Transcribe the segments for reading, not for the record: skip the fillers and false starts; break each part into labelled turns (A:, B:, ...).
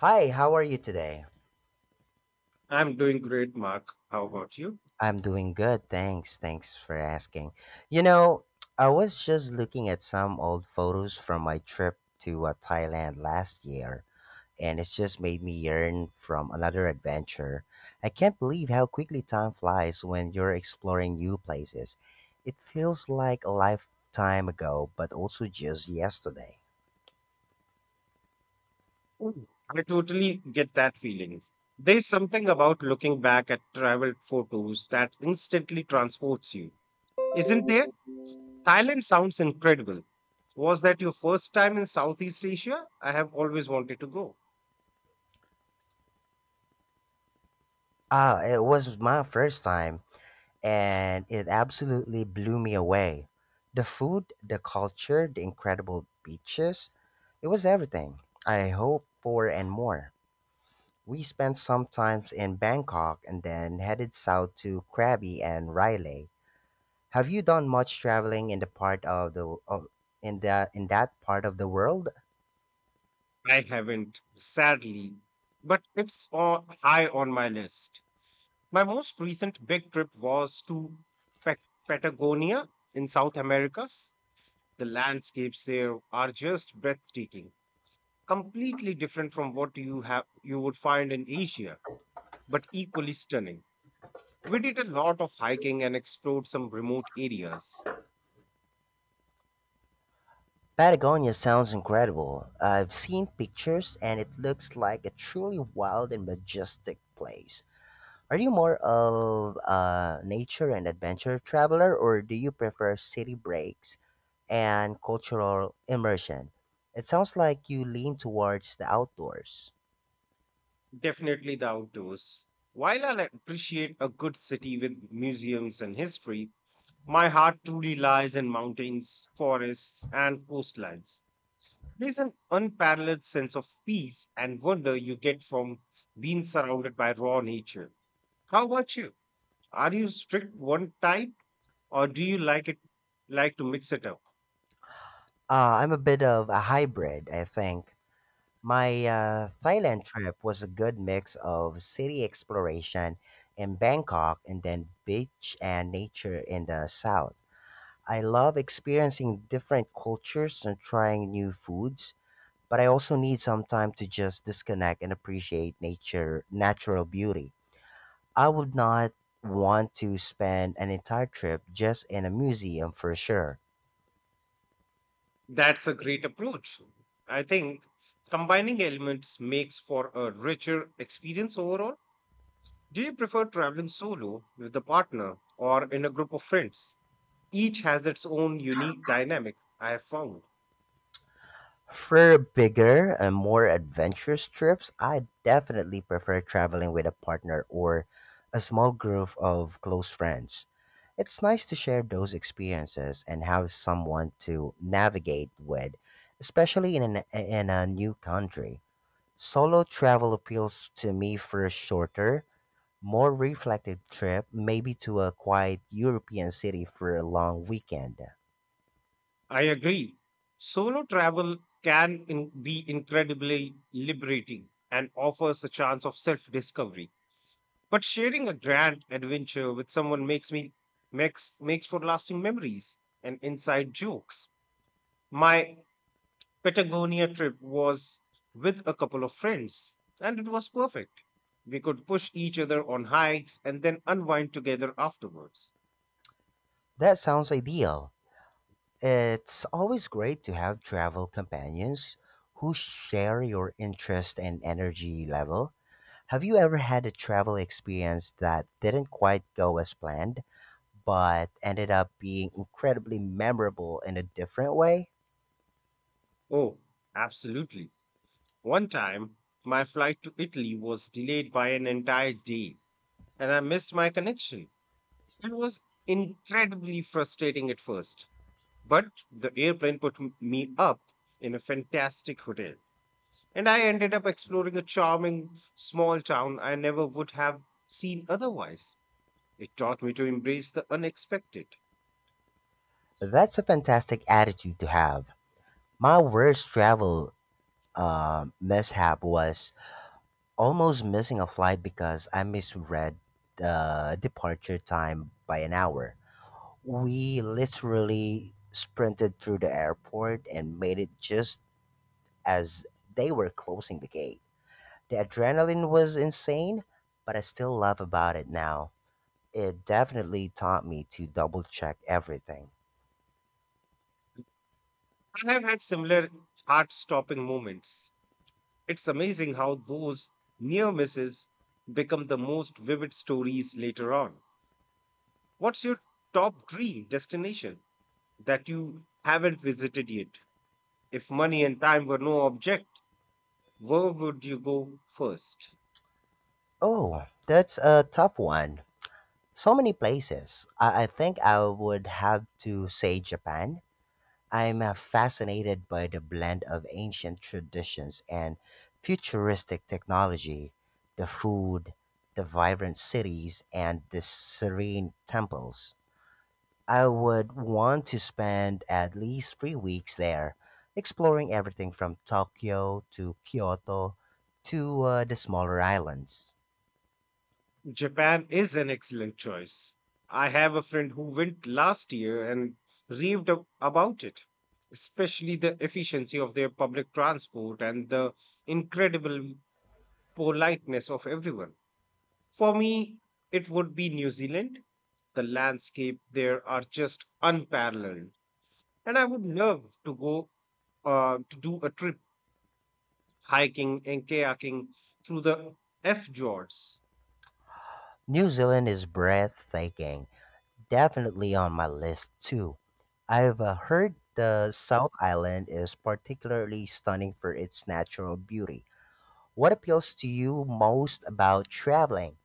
A: Hi, how are you today?
B: I'm doing great, Mark. How about you?
A: I'm doing good, thanks. Thanks for asking. You know, I was just looking at some old photos from my trip to Thailand last year, and it's just made me yearn from another adventure. I can't believe how quickly time flies when you're exploring new places. It feels like a lifetime ago, but also just yesterday.
B: Mm. I totally get that feeling. There's something about looking back at travel photos that instantly transports you, isn't there? Thailand sounds incredible. Was that your first time in Southeast Asia? I have always wanted to go.
A: Ah, it was my first time and it absolutely blew me away. The food, the culture, the incredible beaches, it was everything I hoped for and more. We spent some time in Bangkok and then headed south to Krabi and Riley. Have you done much traveling in the part of the of, in that part of the world?
B: I haven't, sadly, but it's on, high on my list. My most recent big trip was to Pat- Patagonia in South America. The landscapes there are just breathtaking, completely different from what you would find in Asia, but equally stunning. We did a lot of hiking and explored some remote areas.
A: Patagonia sounds incredible. I've seen pictures and it looks like a truly wild and majestic place. Are you more of a nature and adventure traveler, or do you prefer city breaks and cultural immersion? It sounds like you lean towards the outdoors.
B: Definitely the outdoors. While I appreciate a good city with museums and history, my heart truly lies in mountains, forests, and coastlines. There's an unparalleled sense of peace and wonder you get from being surrounded by raw nature. How about you? Are you strict one type or do you like to mix it up?
A: I'm a bit of a hybrid, I think. My Thailand trip was a good mix of city exploration in Bangkok and then beach and nature in the south. I love experiencing different cultures and trying new foods, but I also need some time to just disconnect and appreciate natural beauty. I would not want to spend an entire trip just in a museum for sure.
B: That's a great approach. I think combining elements makes for a richer experience overall. Do you prefer traveling solo with a partner or in a group of friends? Each has its own unique dynamic, I have found.
A: For bigger and more adventurous trips, I definitely prefer traveling with a partner or a small group of close friends. It's nice to share those experiences and have someone to navigate with, especially in a new country. Solo travel appeals to me for a shorter, more reflective trip, maybe to a quiet European city for a long weekend.
B: I agree. Solo travel can be incredibly liberating and offers a chance of self discovery. But sharing a grand adventure with someone makes me makes makes for lasting memories and inside jokes. My Patagonia trip was with a couple of friends, and it was perfect. We could push each other on hikes and then unwind together afterwards.
A: That sounds ideal. It's always great to have travel companions who share your interest and energy level. Have you ever had a travel experience that didn't quite go as planned, but ended up being incredibly memorable in a different way?
B: Oh, absolutely. One time, my flight to Italy was delayed by an entire day, and I missed my connection. It was incredibly frustrating at first. But the airplane put me up in a fantastic hotel, and I ended up exploring a charming small town I never would have seen otherwise. It taught me to embrace the unexpected.
A: That's a fantastic attitude to have. My worst travel mishap was almost missing a flight because I misread the departure time by an hour. We literally sprinted through the airport and made it just as they were closing the gate. The adrenaline was insane, but I still laugh about it now. It definitely taught me to double check everything.
B: I have had similar heart stopping moments. It's amazing how those near misses become the most vivid stories later on. What's your top dream destination that you haven't visited yet? If money and time were no object, where would you go first?
A: Oh, that's a tough one. So many places. I think I would have to say Japan. I'm fascinated by the blend of ancient traditions and futuristic technology, the food, the vibrant cities, and the serene temples. I would want to spend at least 3 weeks there, exploring everything from Tokyo to Kyoto to the smaller islands.
B: Japan is an excellent choice. I have a friend who went last year and raved about it, especially the efficiency of their public transport and the incredible politeness of everyone. For me, it would be New Zealand. The landscape there are just unparalleled, and I would love to go to do a trip hiking and kayaking through the F Fjords.
A: New Zealand is breathtaking. Definitely on my list too. I've heard the South Island is particularly stunning for its natural beauty. What appeals to you most about traveling?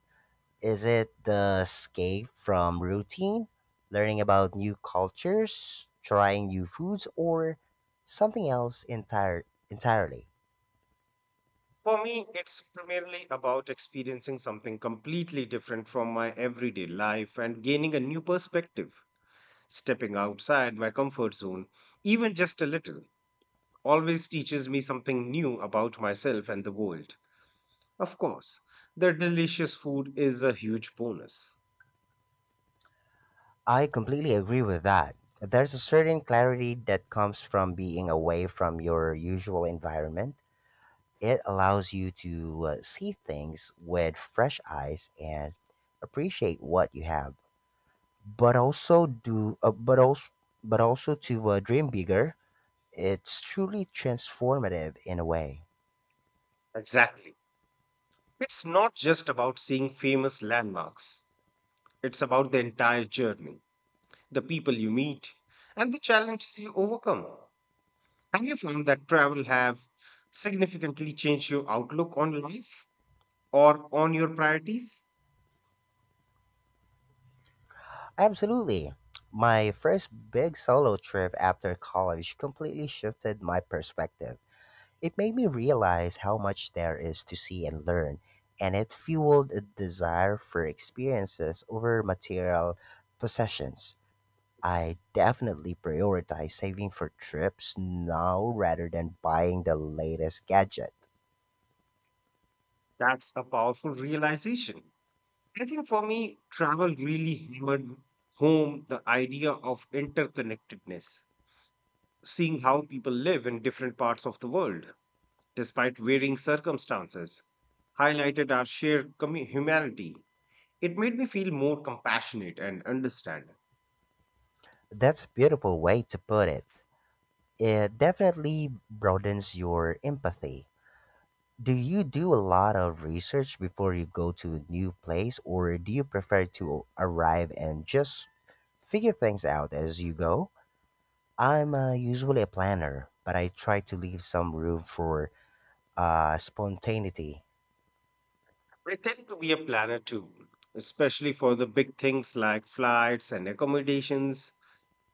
A: Is it the escape from routine, learning about new cultures, trying new foods, or something entirely?
B: For me, it's primarily about experiencing something completely different from my everyday life and gaining a new perspective. Stepping outside my comfort zone, even just a little, always teaches me something new about myself and the world. Of course, the delicious food is a huge bonus.
A: I completely agree with that. There's a certain clarity that comes from being away from your usual environment. It allows you to see things with fresh eyes and appreciate what you have, but also do, but also to dream bigger. It's truly transformative in a way.
B: Exactly. It's not just about seeing famous landmarks, it's about the entire journey, the people you meet, and the challenges you overcome. Have you found that travel have significantly changed your outlook on life or on your priorities?
A: Absolutely. My first big solo trip after college completely shifted my perspective. It made me realize how much there is to see and learn, and it fueled a desire for experiences over material possessions. I definitely prioritize saving for trips now rather than buying the latest gadget.
B: That's a powerful realization. I think for me, travel really hammered home the idea of interconnectedness. Seeing how people live in different parts of the world, despite varying circumstances, highlighted our shared humanity. It made me feel more compassionate and understanding.
A: That's a beautiful way to put it. It definitely broadens your empathy. Do you do a lot of research before you go to a new place, or do you prefer to arrive and just figure things out as you go? I'm usually a planner, but I try to leave some room for spontaneity.
B: I tend to be a planner too, especially for the big things like flights and accommodations.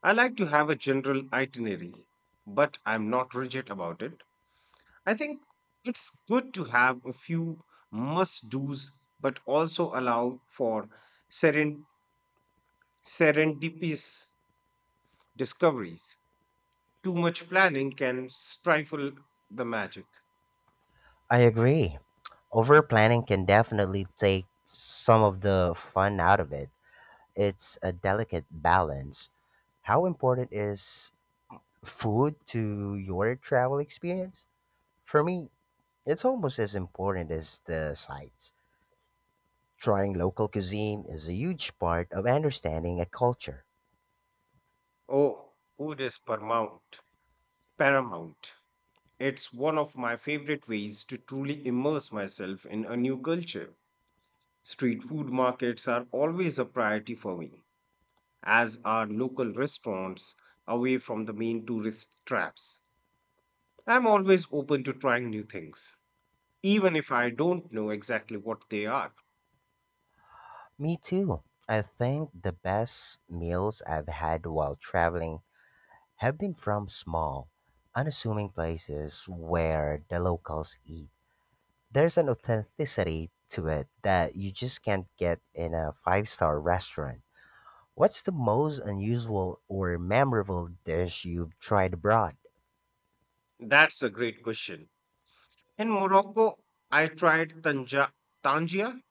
B: I like to have a general itinerary, but I'm not rigid about it. I think it's good to have a few must do's, but also allow for seren- serendipitous discoveries. Too much planning can stifle the magic.
A: I agree. Over planning can definitely take some of the fun out of it. It's a delicate balance. How important is food to your travel experience? For me, it's almost as important as the sights. Trying local cuisine is a huge part of understanding a culture.
B: Oh, food is paramount. Paramount. It's one of my favorite ways to truly immerse myself in a new culture. Street food markets are always a priority for me, as are local restaurants away from the main tourist traps. I'm always open to trying new things, even if I don't know exactly what they are.
A: Me too. I think the best meals I've had while traveling have been from small, unassuming places where the locals eat. There's an authenticity to it that you just can't get in a five-star restaurant. What's the most unusual or memorable dish you've tried abroad?
B: That's a great question. In Morocco, I tried tangia,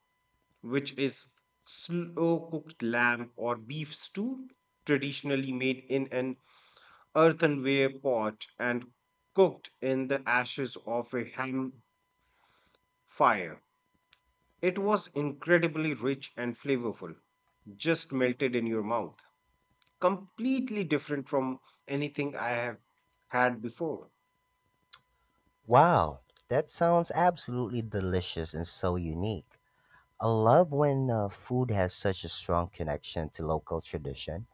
B: which is slow cooked lamb or beef stew, traditionally made in an earthenware pot and cooked in the ashes of a ham fire. It was incredibly rich and flavorful, just melted in your mouth. Completely different from anything I have had before.
A: Wow, that sounds absolutely delicious and so unique. I love when food has such a strong connection to local tradition.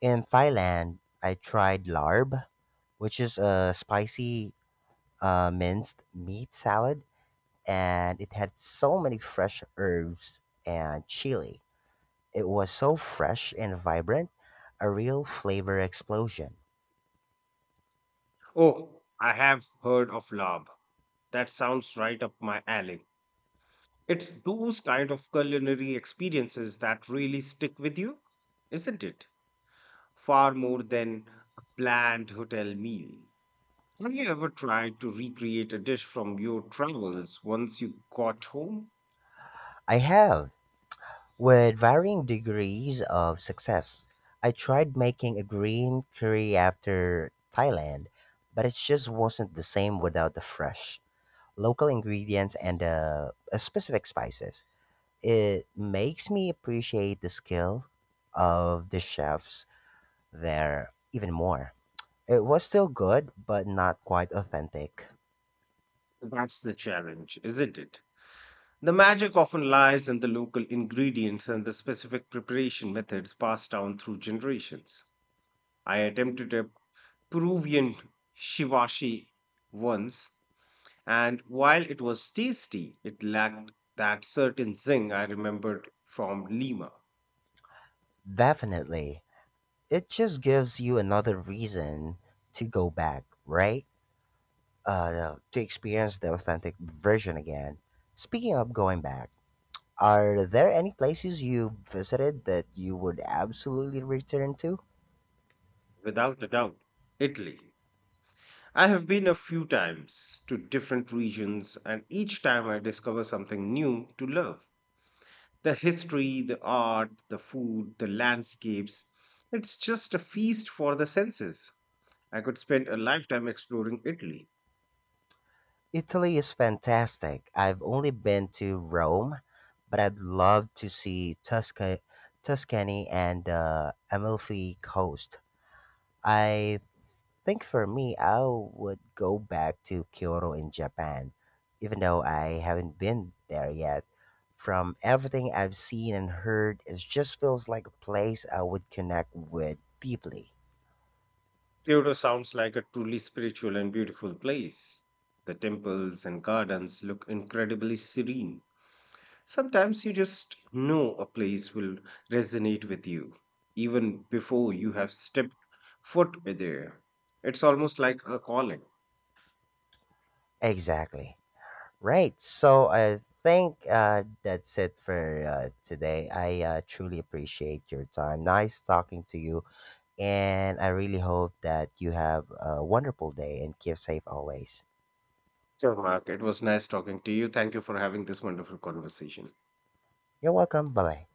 A: In Thailand, I tried larb, which is a spicy minced meat salad, and it had so many fresh herbs and chili. It was so fresh and vibrant, a real flavor explosion.
B: Oh, I have heard of lab. That sounds right up my alley. It's those kind of culinary experiences that really stick with you, isn't it? Far more than a bland hotel meal. Have you ever tried to recreate a dish from your travels once you got home?
A: I have, with varying degrees of success. I tried making a green curry after Thailand, but it just wasn't the same without the fresh local ingredients and specific spices. It makes me appreciate the skill of the chefs there even more. It was still good, but not quite authentic.
B: That's the challenge, isn't it? The magic often lies in the local ingredients and the specific preparation methods passed down through generations. I attempted a Peruvian shivashi once. And while it was tasty, it lacked that certain zing I remembered from Lima,
A: Definitely. It just gives you another reason to go back, right? To experience the authentic version again. Speaking of going back, are there any places you visited that you would absolutely return to?
B: without a doubt, Italy. I have been a few times to different regions, and each time I discover something new to love. The history, the art, the food, the landscapes. It's just a feast for the senses. I could spend a lifetime exploring Italy.
A: Italy is fantastic. I've only been to Rome, but I'd love to see Tuscany and Amalfi Coast. I think for me, I would go back to Kyoto in Japan, even though I haven't been there yet. From everything I've seen and heard, it just feels like a place I would connect with deeply.
B: Kyoto sounds like a truly spiritual and beautiful place. The temples and gardens look incredibly serene. Sometimes you just know a place will resonate with you, even before you have stepped foot there. It's almost like a calling.
A: Exactly. Right. So I think that's it for today. I truly appreciate your time. Nice talking to you. And I really hope that you have a wonderful day and keep safe always.
B: Sure, Mark. It was nice talking to you. Thank you for having this wonderful conversation.
A: You're welcome. Bye bye.